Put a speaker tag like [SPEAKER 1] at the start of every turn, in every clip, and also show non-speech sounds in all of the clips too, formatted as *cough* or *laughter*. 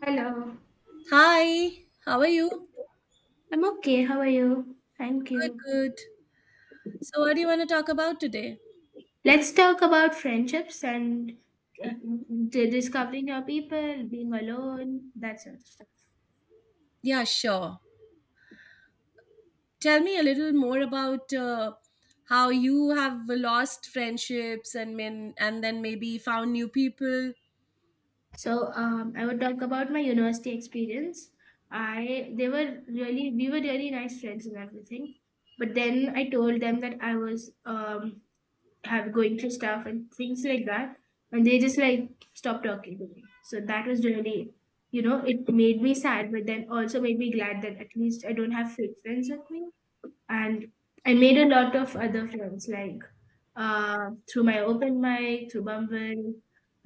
[SPEAKER 1] Hello.
[SPEAKER 2] Hi, how are you?
[SPEAKER 1] I'm okay. How are you? Thank
[SPEAKER 2] Good,
[SPEAKER 1] you.
[SPEAKER 2] good. So, what do you want to talk about today?
[SPEAKER 1] Let's talk about friendships and uh, discovering your people, being alone, that sort of stuff.
[SPEAKER 2] Yeah, sure. Tell me a little more about how you have lost friendships and men, and then maybe found new people.
[SPEAKER 1] So, I would talk about my university experience. I they were really we were really nice friends and everything, but then I told them that I was have going through stuff and things like that, and they just like stopped talking to me, so that was really, you know, it made me sad, but then also made me glad that at least I don't have fake friends with me. And I made a lot of other friends like, through my open mic, through Bumble,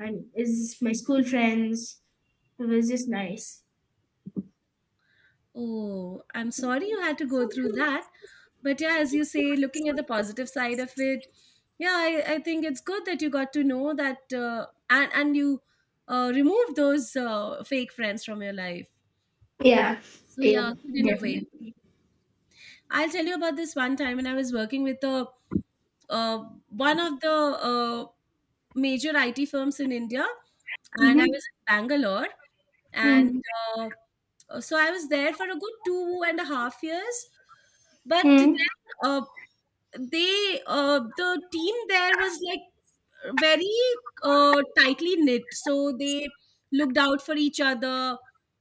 [SPEAKER 1] and is my school friends. It was just nice.
[SPEAKER 2] Oh, I'm sorry you had to go through that. But yeah, as you say, looking at the positive side of it, yeah, I think it's good that you got to know that, and you removed those fake friends from your life.
[SPEAKER 1] Yeah,
[SPEAKER 2] So
[SPEAKER 1] yeah,
[SPEAKER 2] yeah, good in a way.
[SPEAKER 1] definitely.
[SPEAKER 2] I'll tell you about this one time when I was working with a, uh, one of the major IT firms in India, and I
[SPEAKER 1] Mm-hmm.
[SPEAKER 2] was in Bangalore, and
[SPEAKER 1] Mm-hmm.
[SPEAKER 2] uh, so I was there for a good 2.5 years. But then
[SPEAKER 1] Mm.
[SPEAKER 2] uh, they, the team there was like very tightly knit, so they looked out for each other.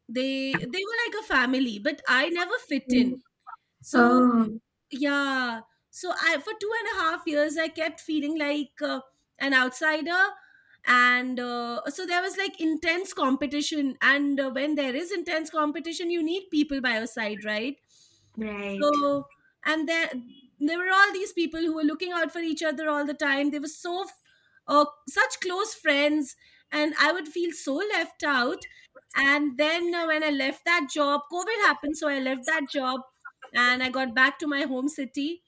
[SPEAKER 2] They were like a family, but I never fit in. So
[SPEAKER 1] Oh,
[SPEAKER 2] yeah, so I for 2.5 years I kept feeling like an outsider, and so there was like intense competition, and when there is intense competition, you need people by your side, right?
[SPEAKER 1] right.
[SPEAKER 2] So and there were all these people who were looking out for each other all the time. They were so such close friends, and I would feel so left out. And then when I left that job, COVID happened, so I left that job and I got back to my home city,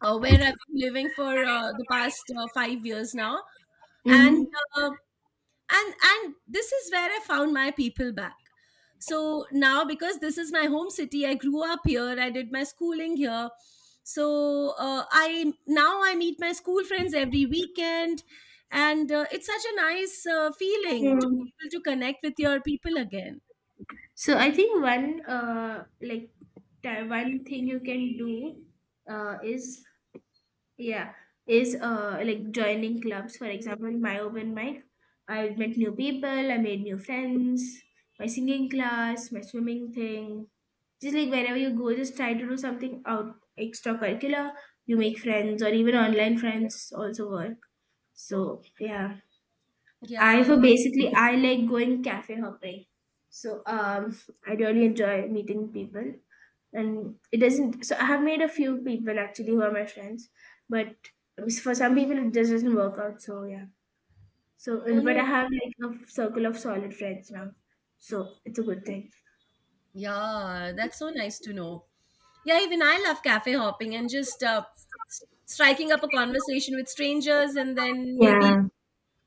[SPEAKER 2] where I've been living for the past 5 years now. And
[SPEAKER 1] Mm-hmm.
[SPEAKER 2] uh, and this is where I found my people back. So now, because this is my home city, I grew up here. I did my schooling here. So I now I meet my school friends every weekend, and it's such a nice feeling to be able to connect with your people again.
[SPEAKER 1] So I think one thing you can do is, yeah, is like joining clubs. For example, my open mic, I met new people, I made new friends. My singing class, my swimming thing, just like wherever you go, just try to do something out extracurricular. You make friends, or even online friends also work. So yeah. I
[SPEAKER 2] Yeah.
[SPEAKER 1] for Basically, I like going cafe hopping. So, I really enjoy meeting people, and it doesn't, so I have made a few people actually who are my friends, but for some people it just doesn't work out, so yeah. So,
[SPEAKER 2] Oh
[SPEAKER 1] but
[SPEAKER 2] no.
[SPEAKER 1] I have like a circle of solid friends now. So it's a good thing.
[SPEAKER 2] Yeah, that's so nice to know. Yeah, even I love cafe hopping and just striking up a conversation with strangers, and then maybe
[SPEAKER 1] Yeah.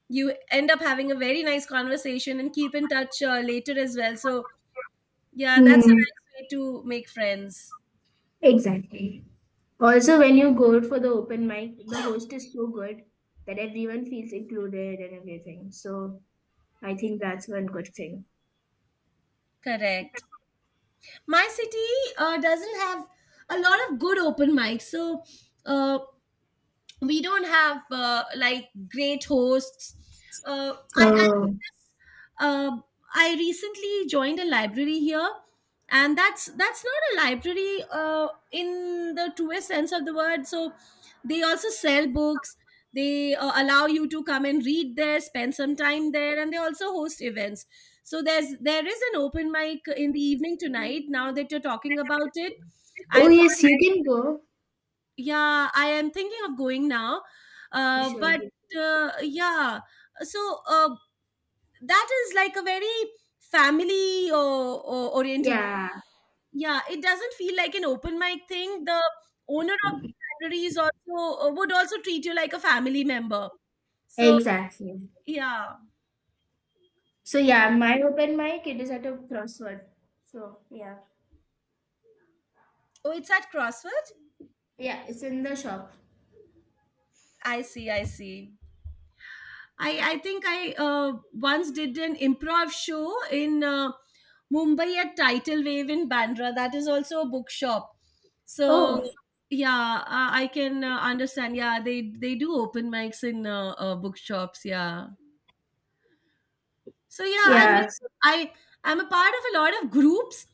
[SPEAKER 2] you end up having a very nice conversation and keep in touch later as well. So, yeah, that's a
[SPEAKER 1] Mm,
[SPEAKER 2] nice way to make friends.
[SPEAKER 1] exactly. Also, when you go for the open mic, the host is so good that everyone feels included and everything. So I think that's one good thing.
[SPEAKER 2] Correct. My city doesn't have a lot of good open mics, so uh, we don't have like great hosts. Uh, I, I
[SPEAKER 1] Oh,
[SPEAKER 2] uh, I recently joined a library here, and that's not a library in the truest sense of the word. So they also sell books. They allow you to come and read there, spend some time there, and they also host events. So there is an open mic in the evening tonight. Now that you're talking about it,
[SPEAKER 1] oh,
[SPEAKER 2] I thought,
[SPEAKER 1] yes, you can go.
[SPEAKER 2] yeah, I am thinking of going now, uh,
[SPEAKER 1] Sure.
[SPEAKER 2] but uh, yeah, so that is like a very family or oriented,
[SPEAKER 1] Yeah,
[SPEAKER 2] yeah, it doesn't feel like an open mic thing. The owner of the library is also would also treat you like a family member. So
[SPEAKER 1] exactly.
[SPEAKER 2] yeah.
[SPEAKER 1] So yeah, my open mic, it is at a crossword. So yeah.
[SPEAKER 2] Oh, it's at Crossford.
[SPEAKER 1] Yeah, it's in the shop.
[SPEAKER 2] I see, I see. I think I once did an improv show in Mumbai at Tidal Wave in Bandra. That is also a bookshop. So
[SPEAKER 1] Oh,
[SPEAKER 2] yeah, I can understand. Yeah, they do open mics in bookshops. Yeah. So yeah, I mean,
[SPEAKER 1] yeah.
[SPEAKER 2] I I'm a part of a lot of groups.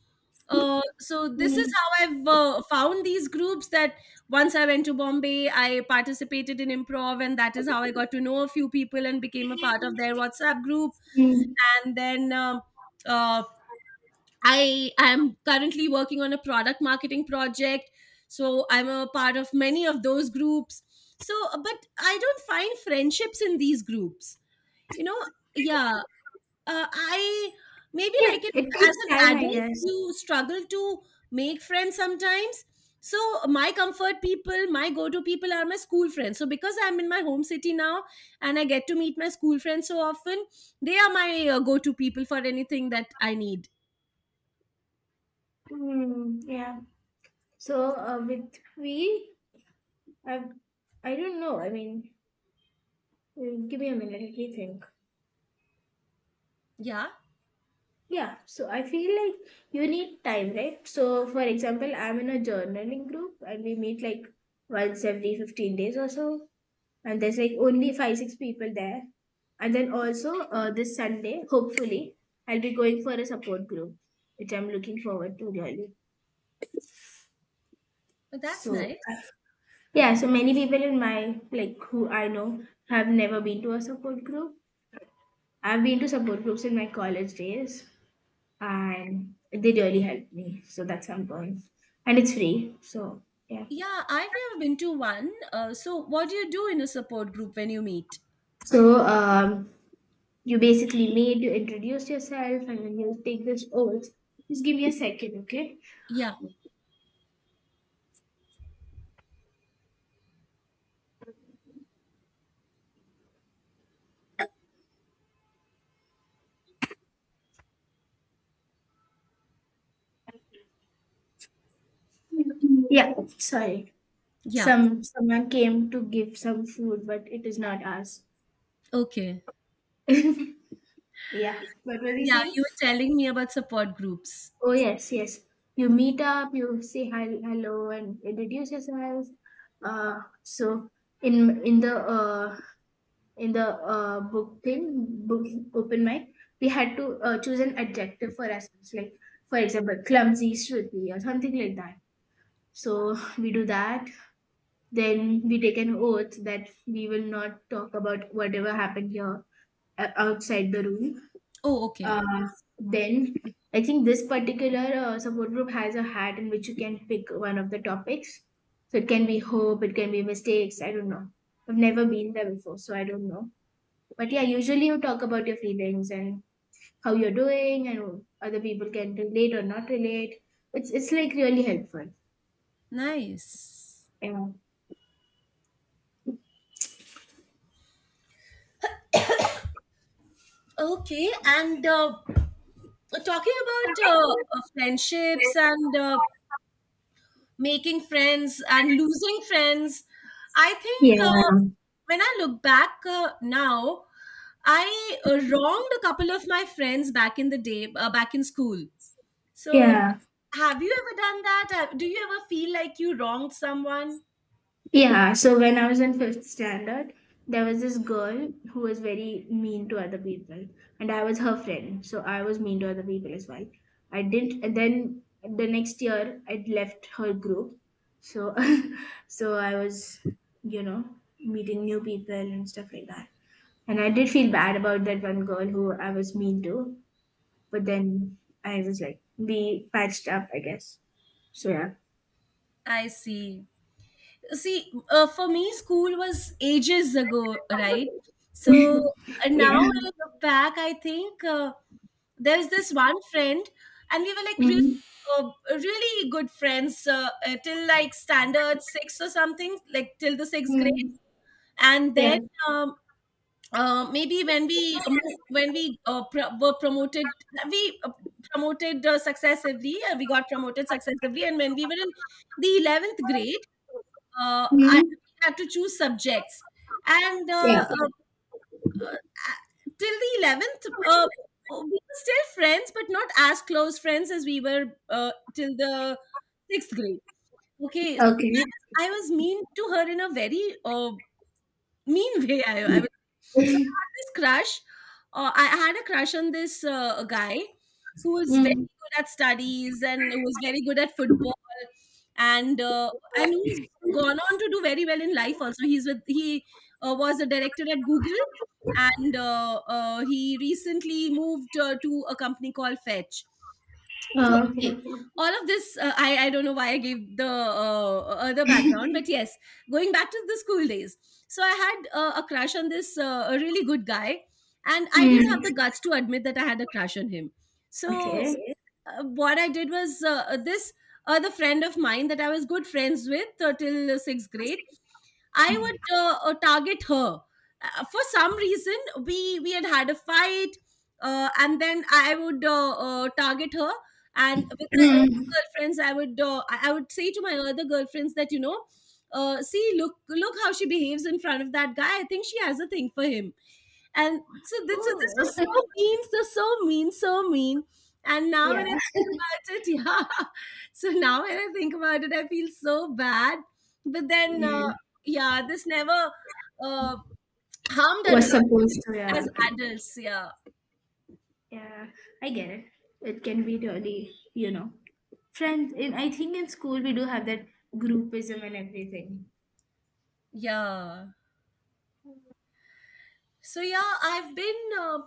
[SPEAKER 2] So this is
[SPEAKER 1] Mm,
[SPEAKER 2] how I've found these groups. That once I went to Bombay, I participated in improv, and that is how I got to know a few people and became a part of their WhatsApp group.
[SPEAKER 1] mm.
[SPEAKER 2] And then uh, I am currently working on a product marketing project, so I'm a part of many of those groups. So, but I don't find friendships in these groups. You know, yeah, I maybe
[SPEAKER 1] Yeah,
[SPEAKER 2] like it
[SPEAKER 1] it
[SPEAKER 2] as
[SPEAKER 1] takes
[SPEAKER 2] an
[SPEAKER 1] time, I
[SPEAKER 2] adult,
[SPEAKER 1] guess.
[SPEAKER 2] you struggle to make friends sometimes. So my comfort people, my go-to people are my school friends. So because I'm in my home city now and I get to meet my school friends so often, they are my go-to people for anything that I need.
[SPEAKER 1] Mm, yeah. So with we, I, I don't know. I mean, give me a minute. Let me think.
[SPEAKER 2] Yeah,
[SPEAKER 1] Yeah, so I feel like you need time, right? So, for example, I'm in a journaling group and we meet like once every 15 days or so, and there's like only five, six people there. And then also, this Sunday, hopefully, I'll be going for a support group, which I'm looking forward to really.
[SPEAKER 2] but that's
[SPEAKER 1] So,
[SPEAKER 2] nice.
[SPEAKER 1] yeah, so many people in my like who I know have never been to a support group. I've been to support groups in my college days, and they really helped me. So that's why I'm going, and it's free. So yeah.
[SPEAKER 2] Yeah, I've never been to one. So what do you do in a support group when you meet?
[SPEAKER 1] So, you basically made you introduce yourself, and then you take this oath. Just give me a second, okay?
[SPEAKER 2] Yeah,
[SPEAKER 1] Yeah. Sorry,
[SPEAKER 2] yeah,
[SPEAKER 1] someone came to give some food, but it is not us.
[SPEAKER 2] okay.
[SPEAKER 1] Yeah. What were we
[SPEAKER 2] Yeah,
[SPEAKER 1] saying?
[SPEAKER 2] you were telling me about support groups.
[SPEAKER 1] Oh, yes, yes. You meet up, you say hi, hello, and introduce yourself. So, in the in the uh, book thing, book open mic, we had to, choose an adjective for ourselves, like for example, clumsy, shruti, or something like that. So *laughs* we do that. Then we take an oath that we will not talk about whatever happened here, outside the room.
[SPEAKER 2] Oh, okay.
[SPEAKER 1] Uh, then I think this particular, support group has a hat in which you can pick one of the topics. So it can be hope, it can be mistakes. I don't know. I've never been there before, so I don't know, but yeah, usually you talk about your feelings and how you're doing, and other people can relate or not relate. It's like really helpful.
[SPEAKER 2] Nice.
[SPEAKER 1] Yeah.
[SPEAKER 2] Okay, and talking about friendships and making friends and losing friends, I think
[SPEAKER 1] Yeah.
[SPEAKER 2] when I look back now, I wronged a couple of my friends back in the day, back in school. So,
[SPEAKER 1] Yeah.
[SPEAKER 2] have you ever done that? Have- Do you ever feel like you wronged someone?
[SPEAKER 1] Yeah, so when I was in fifth standard, there was this girl who was very mean to other people, and I was her friend, so I was mean to other people as well. I didn't, and then the next year I left her group, so *laughs* so I was, you know, meeting new people and stuff like that. And I did feel bad about that one girl who I was mean to, but then I was like, be patched up, I guess. So yeah,
[SPEAKER 2] I see. See, for me school was ages ago, right?
[SPEAKER 1] *laughs*
[SPEAKER 2] So
[SPEAKER 1] yeah.
[SPEAKER 2] now when I look back I think there's this one friend and we were like really
[SPEAKER 1] Mhm.
[SPEAKER 2] uh, really good friends till like standard six, or something like till the sixth grade.
[SPEAKER 1] Mm,
[SPEAKER 2] And then
[SPEAKER 1] yeah.
[SPEAKER 2] um, maybe when we were promoted, we promoted successively, we got promoted successively, and when we were in the 11th grade, I
[SPEAKER 1] Mhm.
[SPEAKER 2] had to choose subjects, and
[SPEAKER 1] Yeah.
[SPEAKER 2] uh, till the 11th, we were still friends, but not as close friends as we were till the sixth grade. Okay, so
[SPEAKER 1] Okay.
[SPEAKER 2] I was mean to her in a very mean way, I was, so I had this crush, I had a crush on this, guy who was very
[SPEAKER 1] Mm.
[SPEAKER 2] good at studies and who was very good at football and, uh, and who's gone on to do very well in life also. He's was a director at Google, and, he recently moved, to a company called Fetch. So
[SPEAKER 1] Oh, okay.
[SPEAKER 2] okay, all of this I don't know why I gave the other background, but yes, going back to the school days. So I had a crush on this a really good guy, and I didn't have
[SPEAKER 1] Mm.
[SPEAKER 2] the guts to admit that I had a crush on him. So
[SPEAKER 1] Okay.
[SPEAKER 2] okay. What I did was this other friend of mine that I was good friends with till sixth grade. I would target her. For some reason, we had had a fight, and then I would target her. And with my other
[SPEAKER 1] Mm.
[SPEAKER 2] girlfriends, I would I would say to my other girlfriends that, you know, see, look how she behaves in front of that guy. I think she has a thing for him. And so this is this
[SPEAKER 1] Oh,
[SPEAKER 2] is
[SPEAKER 1] *laughs*
[SPEAKER 2] so mean, so mean. And now when
[SPEAKER 1] yeah.
[SPEAKER 2] I think about it, *laughs* yeah. So now when I think about it, I feel so bad. But then
[SPEAKER 1] Mm.
[SPEAKER 2] yeah, this never uh harmed our
[SPEAKER 1] Was
[SPEAKER 2] relationship
[SPEAKER 1] supposed to. Yeah.
[SPEAKER 2] as adults, yeah,
[SPEAKER 1] Yeah, I get it. It can be really, you know, friends. In I think in school we do have that groupism and everything.
[SPEAKER 2] yeah. So yeah, I've been uh,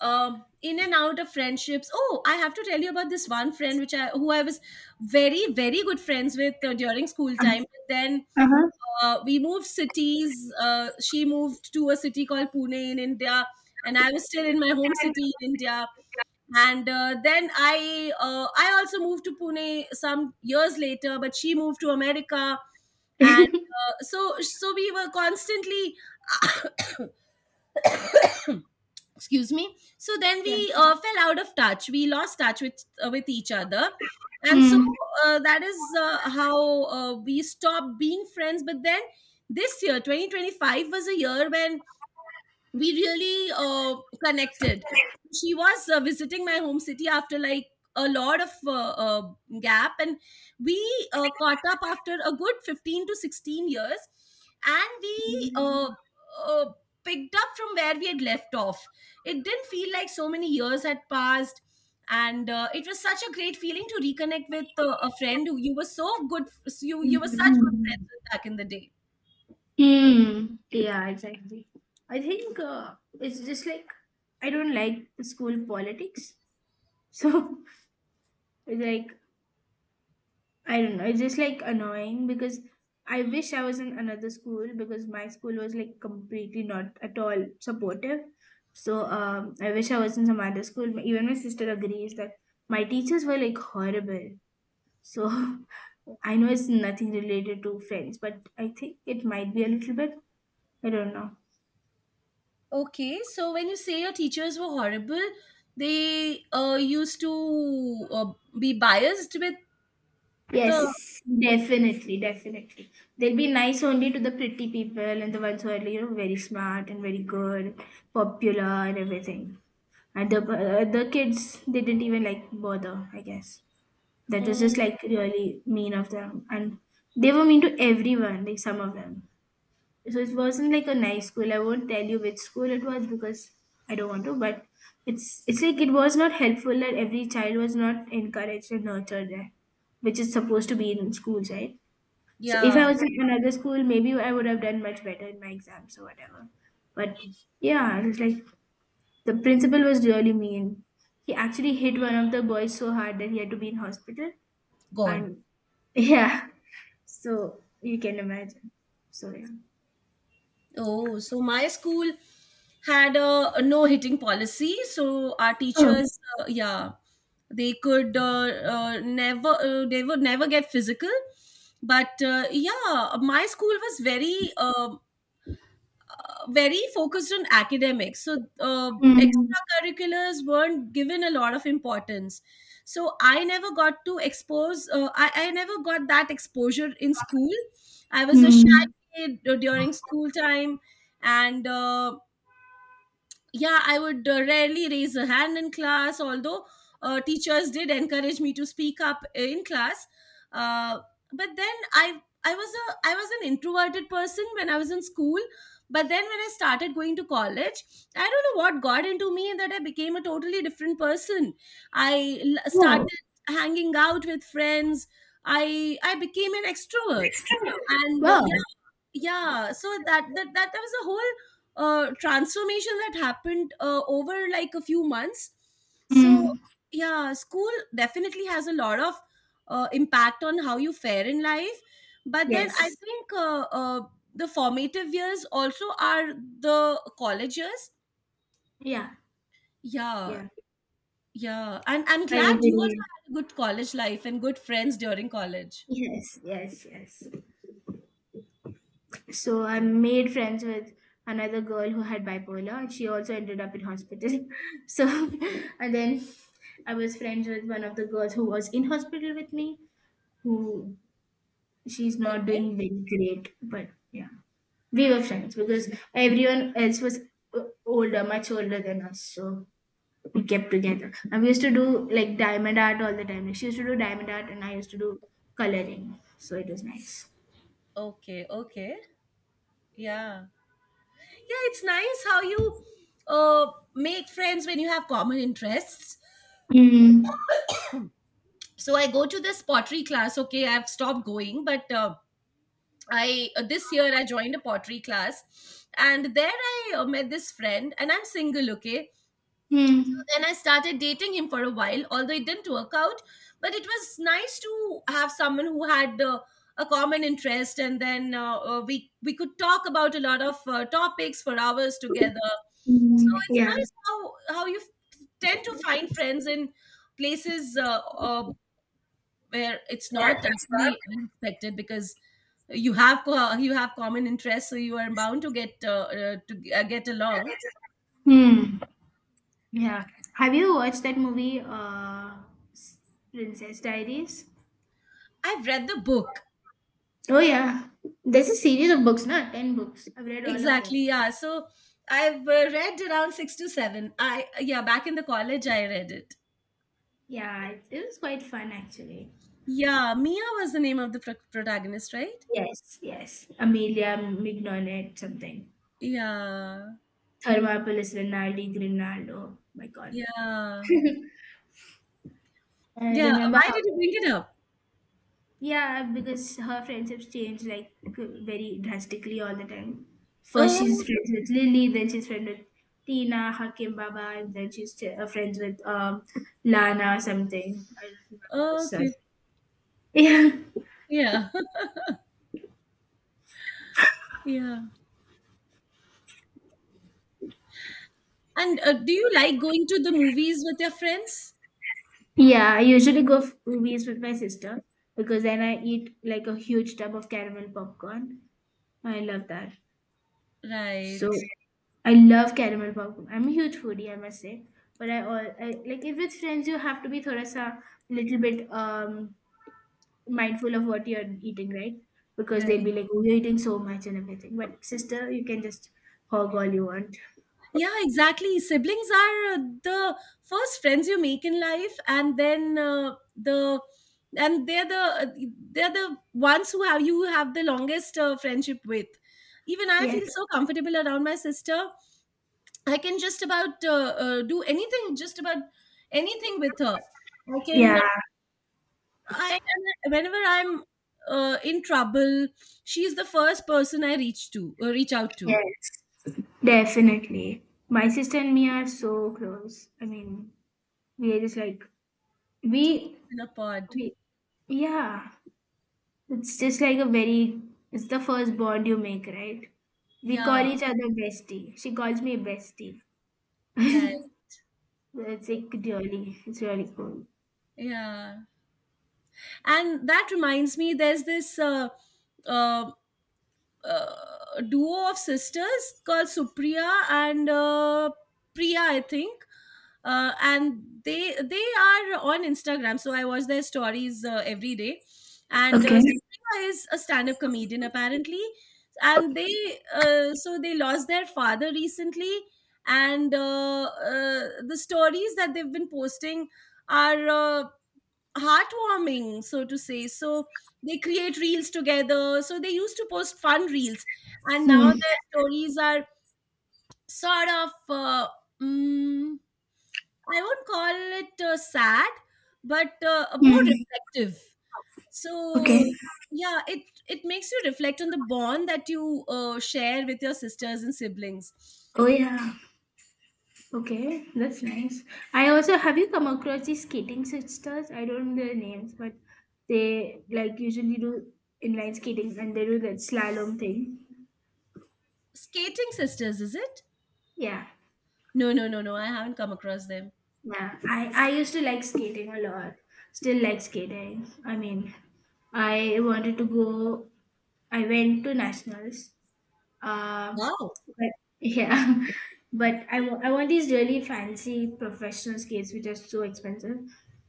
[SPEAKER 2] um in and out of friendships. Oh, I have to tell you about this one friend which I who I was very good friends with during school time. But then
[SPEAKER 1] Uh huh.
[SPEAKER 2] we moved cities. She moved to a city called Pune in India, and I was still in my home city in India.
[SPEAKER 1] *laughs*
[SPEAKER 2] And then I also moved to Pune some years later, but she moved to America, and so so we were constantly, excuse me, so then
[SPEAKER 1] Yeah.
[SPEAKER 2] we fell out of touch, we lost touch with each other. And so
[SPEAKER 1] Mm.
[SPEAKER 2] that is how we stopped being friends. But then this year 2025 was a year when we really connected. She was visiting my home city after like a lot of gap, and we caught up after a good 15 to 16 years, and we
[SPEAKER 1] Mm.
[SPEAKER 2] uh, picked up from where we had left off. It didn't feel like so many years had passed. And it was such a great feeling to reconnect with a friend who you were so good, you were such good friends
[SPEAKER 1] Mm.
[SPEAKER 2] with back in the day.
[SPEAKER 1] Hmm. Yeah, exactly. I think, it's just like I don't like school politics. So *laughs* it's like I don't know. It's just like annoying because I wish I was in another school, because my school was like completely not at all supportive. So, I wish I was in some other school. Even my sister agrees that my teachers were like horrible. So *laughs* I know it's nothing related to friends, but I think it might be a little bit. I don't know.
[SPEAKER 2] Okay, so when you say your teachers were horrible, they used to be biased with the.
[SPEAKER 1] Yes, definitely, definitely. They'll be nice only to the pretty people and the ones who are, you know, very smart and very good, popular and everything. And the kids, they didn't even like bother, I guess. That was just
[SPEAKER 2] Mm,
[SPEAKER 1] like really mean of them, and they were mean to everyone, like some of them. So it wasn't like a nice school. I won't tell you which school it was because I don't want to, but it's like it was not helpful that every child was not encouraged and nurtured there, which is supposed to be in schools, right? So if I
[SPEAKER 2] yeah,
[SPEAKER 1] was in another school, maybe I would have done much better in my exams or whatever, but yeah, it was like the principal was really mean. He actually hit one of the boys so hard that he had to be in hospital,
[SPEAKER 2] God.
[SPEAKER 1] and *laughs* yeah, so you can imagine. So yeah.
[SPEAKER 2] Oh, so my school had a no hitting policy. So our
[SPEAKER 1] Oh.
[SPEAKER 2] teachers, yeah, they could never, they would never get physical. But yeah, my school was very very focused on academics. So
[SPEAKER 1] Hmm.
[SPEAKER 2] extracurriculars weren't given a lot of importance. So I never got to expose, I never got that exposure in school. I was a shy
[SPEAKER 1] Mm.
[SPEAKER 2] kid during school time. And Yeah, I would rarely raise a hand in class, although teachers did encourage me to speak up in class. uh, but then I was an introverted person when I was in school. But then when I started going to college, I don't know what got into me that I became a totally different person. I
[SPEAKER 1] Wow,
[SPEAKER 2] started hanging out with friends. I became an extrovert. and uh,
[SPEAKER 1] wow.
[SPEAKER 2] yeah yeah, so that was a whole transformation that happened over like a few months. So
[SPEAKER 1] Mm.
[SPEAKER 2] yeah, school definitely has a lot of impact on how you fare in life. But then I
[SPEAKER 1] Yes.
[SPEAKER 2] think the formative years also are the college years.
[SPEAKER 1] Yeah.
[SPEAKER 2] Yeah,
[SPEAKER 1] Yeah.
[SPEAKER 2] yeah, and I'm
[SPEAKER 1] I
[SPEAKER 2] glad you also
[SPEAKER 1] agree.
[SPEAKER 2] had a good college life and good friends during college.
[SPEAKER 1] Yes. Yes. Yes. So I made friends with another girl who had bipolar, and she also ended up in hospital. *laughs* So, and then I was friends with one of the girls who was in hospital with me, who, she's not
[SPEAKER 2] Okay,
[SPEAKER 1] doing very great, but yeah, we were friends because everyone else was, older, much older than us. So we kept together. And we used to do like diamond art all the time. Like, she used to do diamond art and I used to do coloring. So it was nice.
[SPEAKER 2] okay. Okay, yeah, yeah, it's nice how you uh, make friends when you have common interests.
[SPEAKER 1] Hmm.
[SPEAKER 2] So I go to this pottery class. Okay, I've stopped going, but I, this year I joined a pottery class, and there I met this friend. And I'm single. Okay,
[SPEAKER 1] Hmm.
[SPEAKER 2] then I started dating him for a while, although it didn't work out. But it was nice to have someone who had a common interest, and then we could talk about a lot of topics for hours together. So
[SPEAKER 1] Hmm.
[SPEAKER 2] it's
[SPEAKER 1] Yeah.
[SPEAKER 2] nice how you tend to find friends in places uh, where it's not
[SPEAKER 1] Yeah.
[SPEAKER 2] actually unexpected, because you have you have common interests, so you are bound to get along.
[SPEAKER 1] Hmm. Yeah. Have you watched that movie, S- Princess Diaries?
[SPEAKER 2] I've read the book.
[SPEAKER 1] Oh yeah. There's a series of books, not ten books. I've read all of them.
[SPEAKER 2] Exactly, yeah. So I've read around six to seven. I, yeah, back in the college I read it.
[SPEAKER 1] Yeah, it was quite fun actually.
[SPEAKER 2] Yeah, Mia was the name of the protagonist, right?
[SPEAKER 1] Yes, yes. Amelia Mignonet, something.
[SPEAKER 2] Yeah,
[SPEAKER 1] Thermopolis Rinaldi Grinaldo. Oh my God.
[SPEAKER 2] yeah,
[SPEAKER 1] I
[SPEAKER 2] yeah.
[SPEAKER 1] remember
[SPEAKER 2] Why
[SPEAKER 1] how.
[SPEAKER 2] did you bring it up?
[SPEAKER 1] Yeah, because her friendships change like very drastically all the time. First, she's
[SPEAKER 2] Oh,
[SPEAKER 1] friends with Lily, then she's friends with Tina, Hakim Baba, and then she's, friends with, Lana or something. I don't remember her son.
[SPEAKER 2] okay.
[SPEAKER 1] *laughs* Yeah.
[SPEAKER 2] Yeah, *laughs* yeah. And Do you like going to the movies with your friends?
[SPEAKER 1] Yeah, I usually go for movies with my sister because then I eat like a huge tub of caramel popcorn. I love that. So
[SPEAKER 2] Right,
[SPEAKER 1] I love caramel popcorn. I'm a huge foodie, I must say. But I like, if it's friends, you have to be thoda sa little bit mindful of what you're eating, right? Because
[SPEAKER 2] right.
[SPEAKER 1] they'll be like, "Oh, you're eating so much and everything." But sister, you can just hog all you want.
[SPEAKER 2] Yeah, exactly. Siblings are the first friends you make in life, and then and they're the uh, they're the ones who have you have the longest friendship with. Even I
[SPEAKER 1] Yes.
[SPEAKER 2] feel so comfortable around my sister. I can just about do anything, just about anything with her. I can. uh,
[SPEAKER 1] Yeah.
[SPEAKER 2] I and whenever I'm in trouble, she's the first person I reach out to.
[SPEAKER 1] Yes. Definitely. My sister and me are so close. I mean, we are just like
[SPEAKER 2] Two
[SPEAKER 1] we
[SPEAKER 2] peas in a pod.
[SPEAKER 1] we yeah. It's just like a very, it's the first bond you make, right? We call
[SPEAKER 2] Yeah,
[SPEAKER 1] each other bestie. She calls me bestie.
[SPEAKER 2] right.
[SPEAKER 1] It's like really cool.
[SPEAKER 2] Yeah. And that reminds me, there's this uh, duo of sisters called Supriya and Priya, I think. And they are on Instagram, so I watch their stories every day. And
[SPEAKER 1] Okay.
[SPEAKER 2] Supriya is a stand-up comedian, apparently. And they, so they lost their father recently. And The stories that they've been posting are heartwarming, so to say. So they create reels together. So they used to post fun reels, and now
[SPEAKER 1] Hmm.
[SPEAKER 2] their stories are sort of, mm, I won't call it sad, but more
[SPEAKER 1] Hmm.
[SPEAKER 2] reflective.
[SPEAKER 1] Okay.
[SPEAKER 2] So yeah, it makes you reflect on the bond that you share with your sisters and siblings.
[SPEAKER 1] Oh yeah. Okay, that's nice. I also have you come across these skating sisters? I don't know their names, but they like usually do inline skating and they do that slalom thing.
[SPEAKER 2] Skating sisters, is it?
[SPEAKER 1] Yeah.
[SPEAKER 2] No, no, no, no. I haven't come across them.
[SPEAKER 1] Yeah, I used to like skating a lot. Still like skating. I mean, I wanted to go. I went to nationals. Um,
[SPEAKER 2] Wow,
[SPEAKER 1] but yeah, *laughs* but I want these really fancy professional skates, which are so expensive.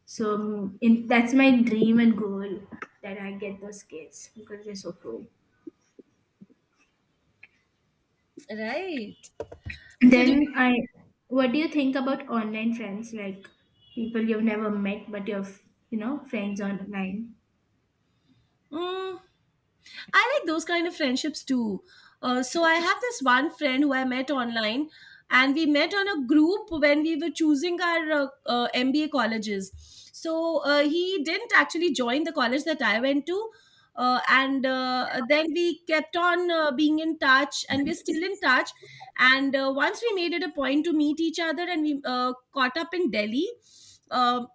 [SPEAKER 1] So, that's my dream and goal that I get those skates because they're so cool.
[SPEAKER 2] right. So did.
[SPEAKER 1] Then I, what do you think about online friends? Like people you've never met, but you're friends online.
[SPEAKER 2] Mm. I like those kind of friendships too. So I have this one friend who I met online, and we met on a group when we were choosing our MBA colleges. So he didn't actually join the college that I went to. And Then we kept on being in touch, and we're still in touch. And once we made it a point to meet each other, and we caught up in Delhi. Uh,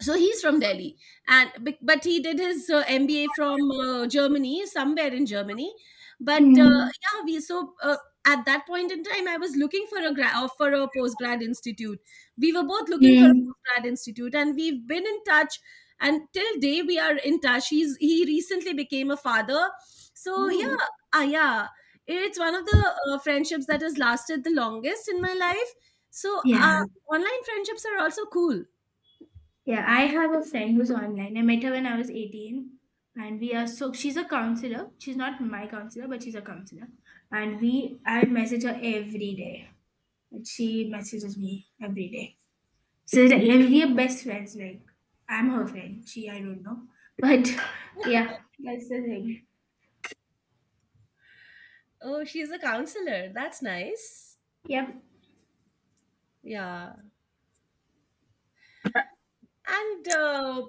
[SPEAKER 2] so he's from Delhi, and but he did his MBA from Germany, somewhere in Germany. But
[SPEAKER 1] Mm,
[SPEAKER 2] yeah we so At that point in time, I was looking for a postgrad institute. We were both looking for a
[SPEAKER 1] mm.
[SPEAKER 2] postgrad institute, and we've been in touch. And till day we are in touch. He recently became a father, so
[SPEAKER 1] Oh,
[SPEAKER 2] yeah. Ah, yeah, it's one of the friendships that has lasted the longest in my life. So
[SPEAKER 1] yeah,
[SPEAKER 2] uh, online friendships are also cool.
[SPEAKER 1] yeah. I have a friend who's online. I met her when I was 18, and we are so she's a counselor. She's not my counselor, but she's a counselor. And I message her every day, and she messages me every day. So like, yeah, we are best friends. Like I'm her friend. She, I don't know, but yeah, that's the thing.
[SPEAKER 2] Oh, she's a counselor. That's nice.
[SPEAKER 1] Yep.
[SPEAKER 2] Yeah. And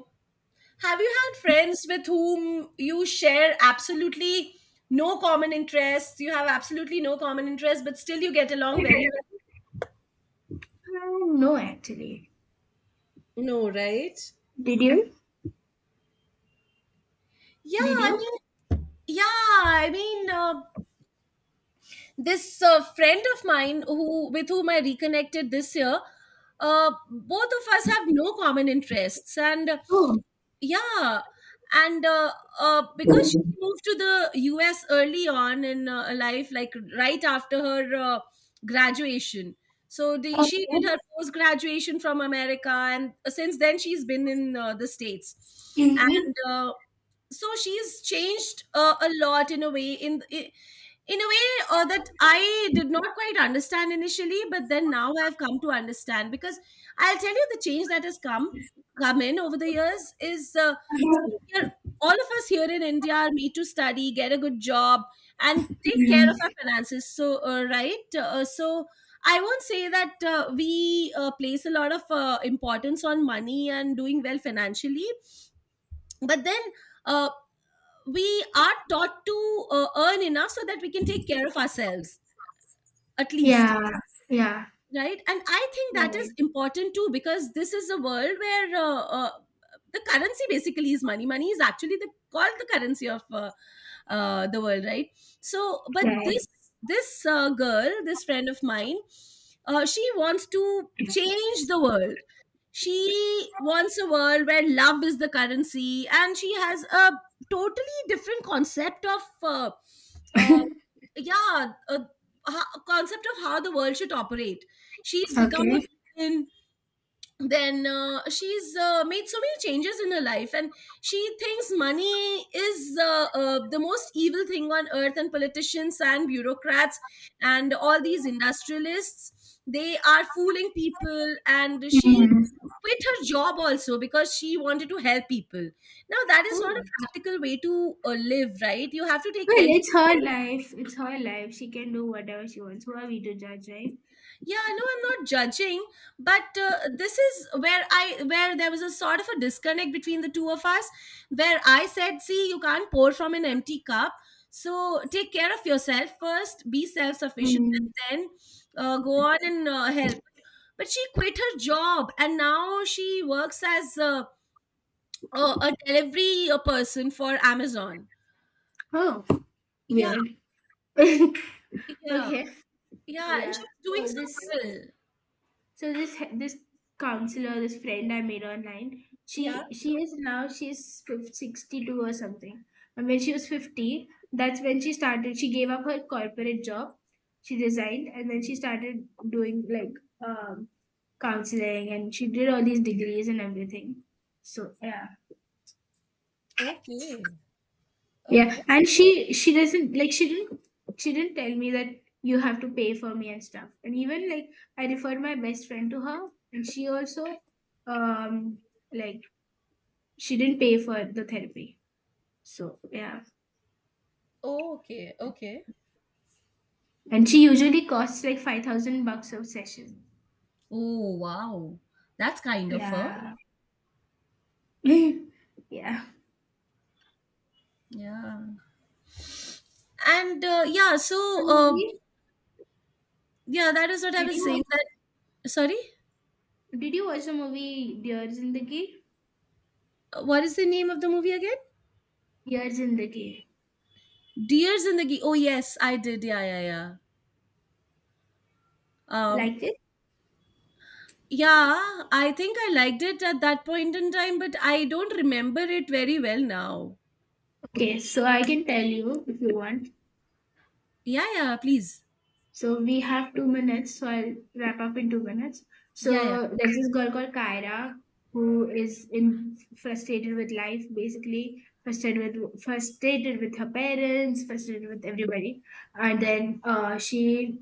[SPEAKER 2] Have you had friends with whom you share absolutely no common interests? You have absolutely no common interests, but still you get along very
[SPEAKER 1] Uh,
[SPEAKER 2] well?
[SPEAKER 1] *laughs* no, actually,
[SPEAKER 2] No, right?
[SPEAKER 1] did you?
[SPEAKER 2] Yeah,
[SPEAKER 1] did
[SPEAKER 2] I
[SPEAKER 1] you?
[SPEAKER 2] mean, yeah, I mean, this friend of mine who with whom I reconnected this year, both of us have no common interests, and
[SPEAKER 1] Oh,
[SPEAKER 2] yeah and uh, because she moved to the US early on in life, like right after her graduation. So she did
[SPEAKER 1] okay.
[SPEAKER 2] her post graduation from America, and since then she's been in the States. And
[SPEAKER 1] Mm-hmm.
[SPEAKER 2] So she's changed a lot, in a way, in a way that I did not quite understand initially, but then now I've come to understand. Because I'll tell you, the change that has come in over the years is, see, we're- all of us here in India are made to study, get a good job, and take care of
[SPEAKER 1] Mhm.
[SPEAKER 2] our finances. So, right? I won't say that we place a lot of importance on money and doing well financially, but then uh, we are taught to earn enough so that we can take care of ourselves, at least.
[SPEAKER 1] Yeah, yeah.
[SPEAKER 2] Right, and I think that is
[SPEAKER 1] Right,
[SPEAKER 2] important too, because this is a world where the currency basically is money. Money is actually the called the currency of the world, right? So but this
[SPEAKER 1] right.
[SPEAKER 2] girl, this friend of mine, she wants to change the world. She wants a world where love is the currency, and she has a totally different concept of uh, yeah a, a concept of how the world should operate. She's become a
[SPEAKER 1] Okay.
[SPEAKER 2] vegan. Then she's made so many changes in her life. And she thinks money is the most evil thing on earth, and politicians and bureaucrats and all these industrialists, they are fooling people, and she
[SPEAKER 1] Mm.
[SPEAKER 2] quit her job also because she wanted to help people. Now that is not a
[SPEAKER 1] Oh,
[SPEAKER 2] practical way to live, right? You have to take
[SPEAKER 1] well,
[SPEAKER 2] care. You,
[SPEAKER 1] it's her life. It's her life. She can do whatever she wants. Who are we to judge, right?
[SPEAKER 2] yeah, no, I'm not judging, but this is where I where there was a sort of a disconnect between the two of us, where I said, see, you can't pour from an empty cup. So take care of yourself first, be self-sufficient, and
[SPEAKER 1] Mm.
[SPEAKER 2] then go on and help. But she quit her job, and now she works as a, a delivery person for Amazon.
[SPEAKER 1] Oh,
[SPEAKER 2] Yeah.
[SPEAKER 1] weird. *laughs*
[SPEAKER 2] Yeah,
[SPEAKER 1] Okay.
[SPEAKER 2] yeah, and she
[SPEAKER 1] Yeah.
[SPEAKER 2] was doing
[SPEAKER 1] So
[SPEAKER 2] so
[SPEAKER 1] this
[SPEAKER 2] well.
[SPEAKER 1] So this counselor, this friend I made online,
[SPEAKER 2] Yeah.
[SPEAKER 1] she is now she's 50, 62 or something. And when she was 50, that's when she started. She gave up her corporate job. She resigned and then she started doing like, um, counseling, and she did all these degrees and everything. So yeah.
[SPEAKER 2] Okay,
[SPEAKER 1] Yeah,
[SPEAKER 2] okay.
[SPEAKER 1] and she doesn't like she didn't tell me that you have to pay for me and stuff. And even like I referred my best friend to her, and she also um like she didn't pay for the therapy. So yeah,
[SPEAKER 2] Okay, okay.
[SPEAKER 1] and she usually costs like 5,000 bucks a session.
[SPEAKER 2] Oh, wow. That's kind of her.
[SPEAKER 1] Yeah, *laughs* yeah.
[SPEAKER 2] Yeah. And yeah,
[SPEAKER 1] The
[SPEAKER 2] so
[SPEAKER 1] movie?
[SPEAKER 2] Yeah, that is what I
[SPEAKER 1] Did
[SPEAKER 2] was
[SPEAKER 1] you watch,
[SPEAKER 2] saying. That, sorry,
[SPEAKER 1] did you watch the movie Dear Zindagi?
[SPEAKER 2] what is the name of the movie again?
[SPEAKER 1] Dear Zindagi.
[SPEAKER 2] Deers in the Ge- Oh yes, I did. Yeah, yeah, yeah. Um,
[SPEAKER 1] Like it?
[SPEAKER 2] yeah, I think I liked it at that point in time, but I don't remember it very well now.
[SPEAKER 1] Okay, so I can tell you if you want.
[SPEAKER 2] Yeah, yeah. Please.
[SPEAKER 1] So we have 2 minutes, so I'll wrap up in 2 minutes.
[SPEAKER 2] Yeah, yeah,
[SPEAKER 1] So there's this girl called Kyra who is in frustrated with life, basically frustrated with her parents, frustrated with everybody, and then, she,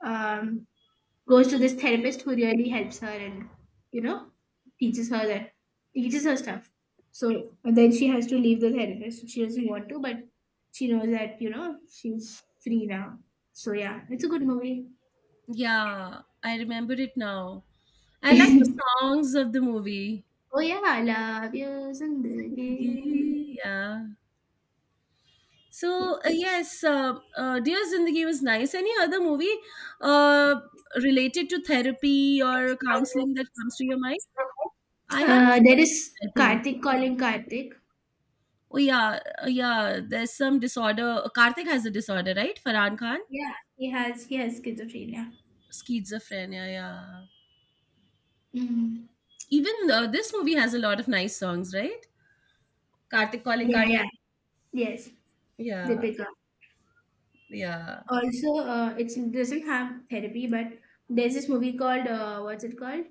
[SPEAKER 1] um, goes to this therapist who really helps her and you know teaches her that teaches her stuff. So and then she has to leave the therapist, she doesn't want to, but she knows that she's free now, so yeah, it's a good movie.
[SPEAKER 2] yeah. I remember it now. I like the
[SPEAKER 1] *laughs*
[SPEAKER 2] songs of the movie.
[SPEAKER 1] Oh yeah, I love you. In.
[SPEAKER 2] *laughs* Yeah.
[SPEAKER 1] Yeah.
[SPEAKER 2] So Dear Zindagi was nice. Any other movie uh, related to therapy or counseling that comes to your mind? I haven't
[SPEAKER 1] There
[SPEAKER 2] seen.
[SPEAKER 1] is
[SPEAKER 2] I think.
[SPEAKER 1] Karthik calling Karthik.
[SPEAKER 2] Oh yeah, yeah. There's some disorder. Karthik has a disorder, right? Farhan Khan,
[SPEAKER 1] Yeah, he has schizophrenia.
[SPEAKER 2] schizophrenia. Yeah.
[SPEAKER 1] Mhm.
[SPEAKER 2] Even this movie has a lot of nice songs, right? Karthik calling
[SPEAKER 1] Yeah, yeah.
[SPEAKER 2] Karthik.
[SPEAKER 1] Yes. They
[SPEAKER 2] Yeah,
[SPEAKER 1] pick up.
[SPEAKER 2] yeah.
[SPEAKER 1] Also, it doesn't have therapy, but there's this movie called, what's it called?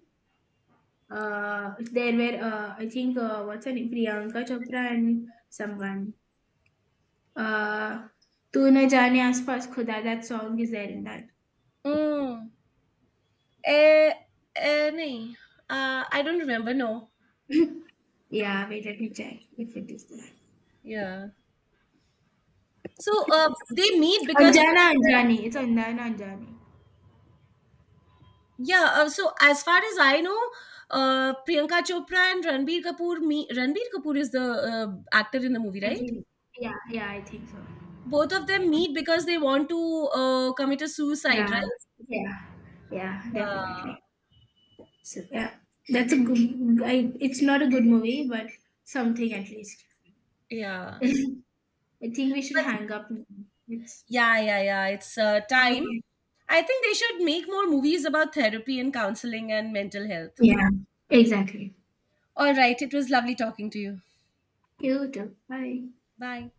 [SPEAKER 1] There were, I think, what's her name? Priyanka Chopra and someone. Uh, Tu Na Jaane Aas Paas Khuda. That song is there in that.
[SPEAKER 2] Mm. Eh, eh, nahin. I don't remember. No.
[SPEAKER 1] Yeah, wait, let me check if it is there.
[SPEAKER 2] Yeah. So they meet because
[SPEAKER 1] Anjana
[SPEAKER 2] both of them-
[SPEAKER 1] Anjani. It's Anjana Anjani.
[SPEAKER 2] yeah. So as far as I know, Priyanka Chopra and Ranbir Kapoor. Me, Ranbir Kapoor is the actor in the movie,
[SPEAKER 1] I
[SPEAKER 2] right?
[SPEAKER 1] think. Yeah, yeah, I think so.
[SPEAKER 2] Both of them meet because they want to commit a suicide,
[SPEAKER 1] Yeah,
[SPEAKER 2] right?
[SPEAKER 1] yeah, yeah,
[SPEAKER 2] Yeah,
[SPEAKER 1] definitely. So yeah, that's a good. It's not a good movie, but something at least.
[SPEAKER 2] yeah,
[SPEAKER 1] *laughs* I think we should
[SPEAKER 2] but
[SPEAKER 1] hang up now. It's
[SPEAKER 2] yeah, yeah, yeah. It's time.
[SPEAKER 1] okay.
[SPEAKER 2] I think they should make more movies about therapy and counseling and mental health.
[SPEAKER 1] Yeah, exactly.
[SPEAKER 2] All right, it was lovely talking to you.
[SPEAKER 1] You too. Bye.
[SPEAKER 2] Bye.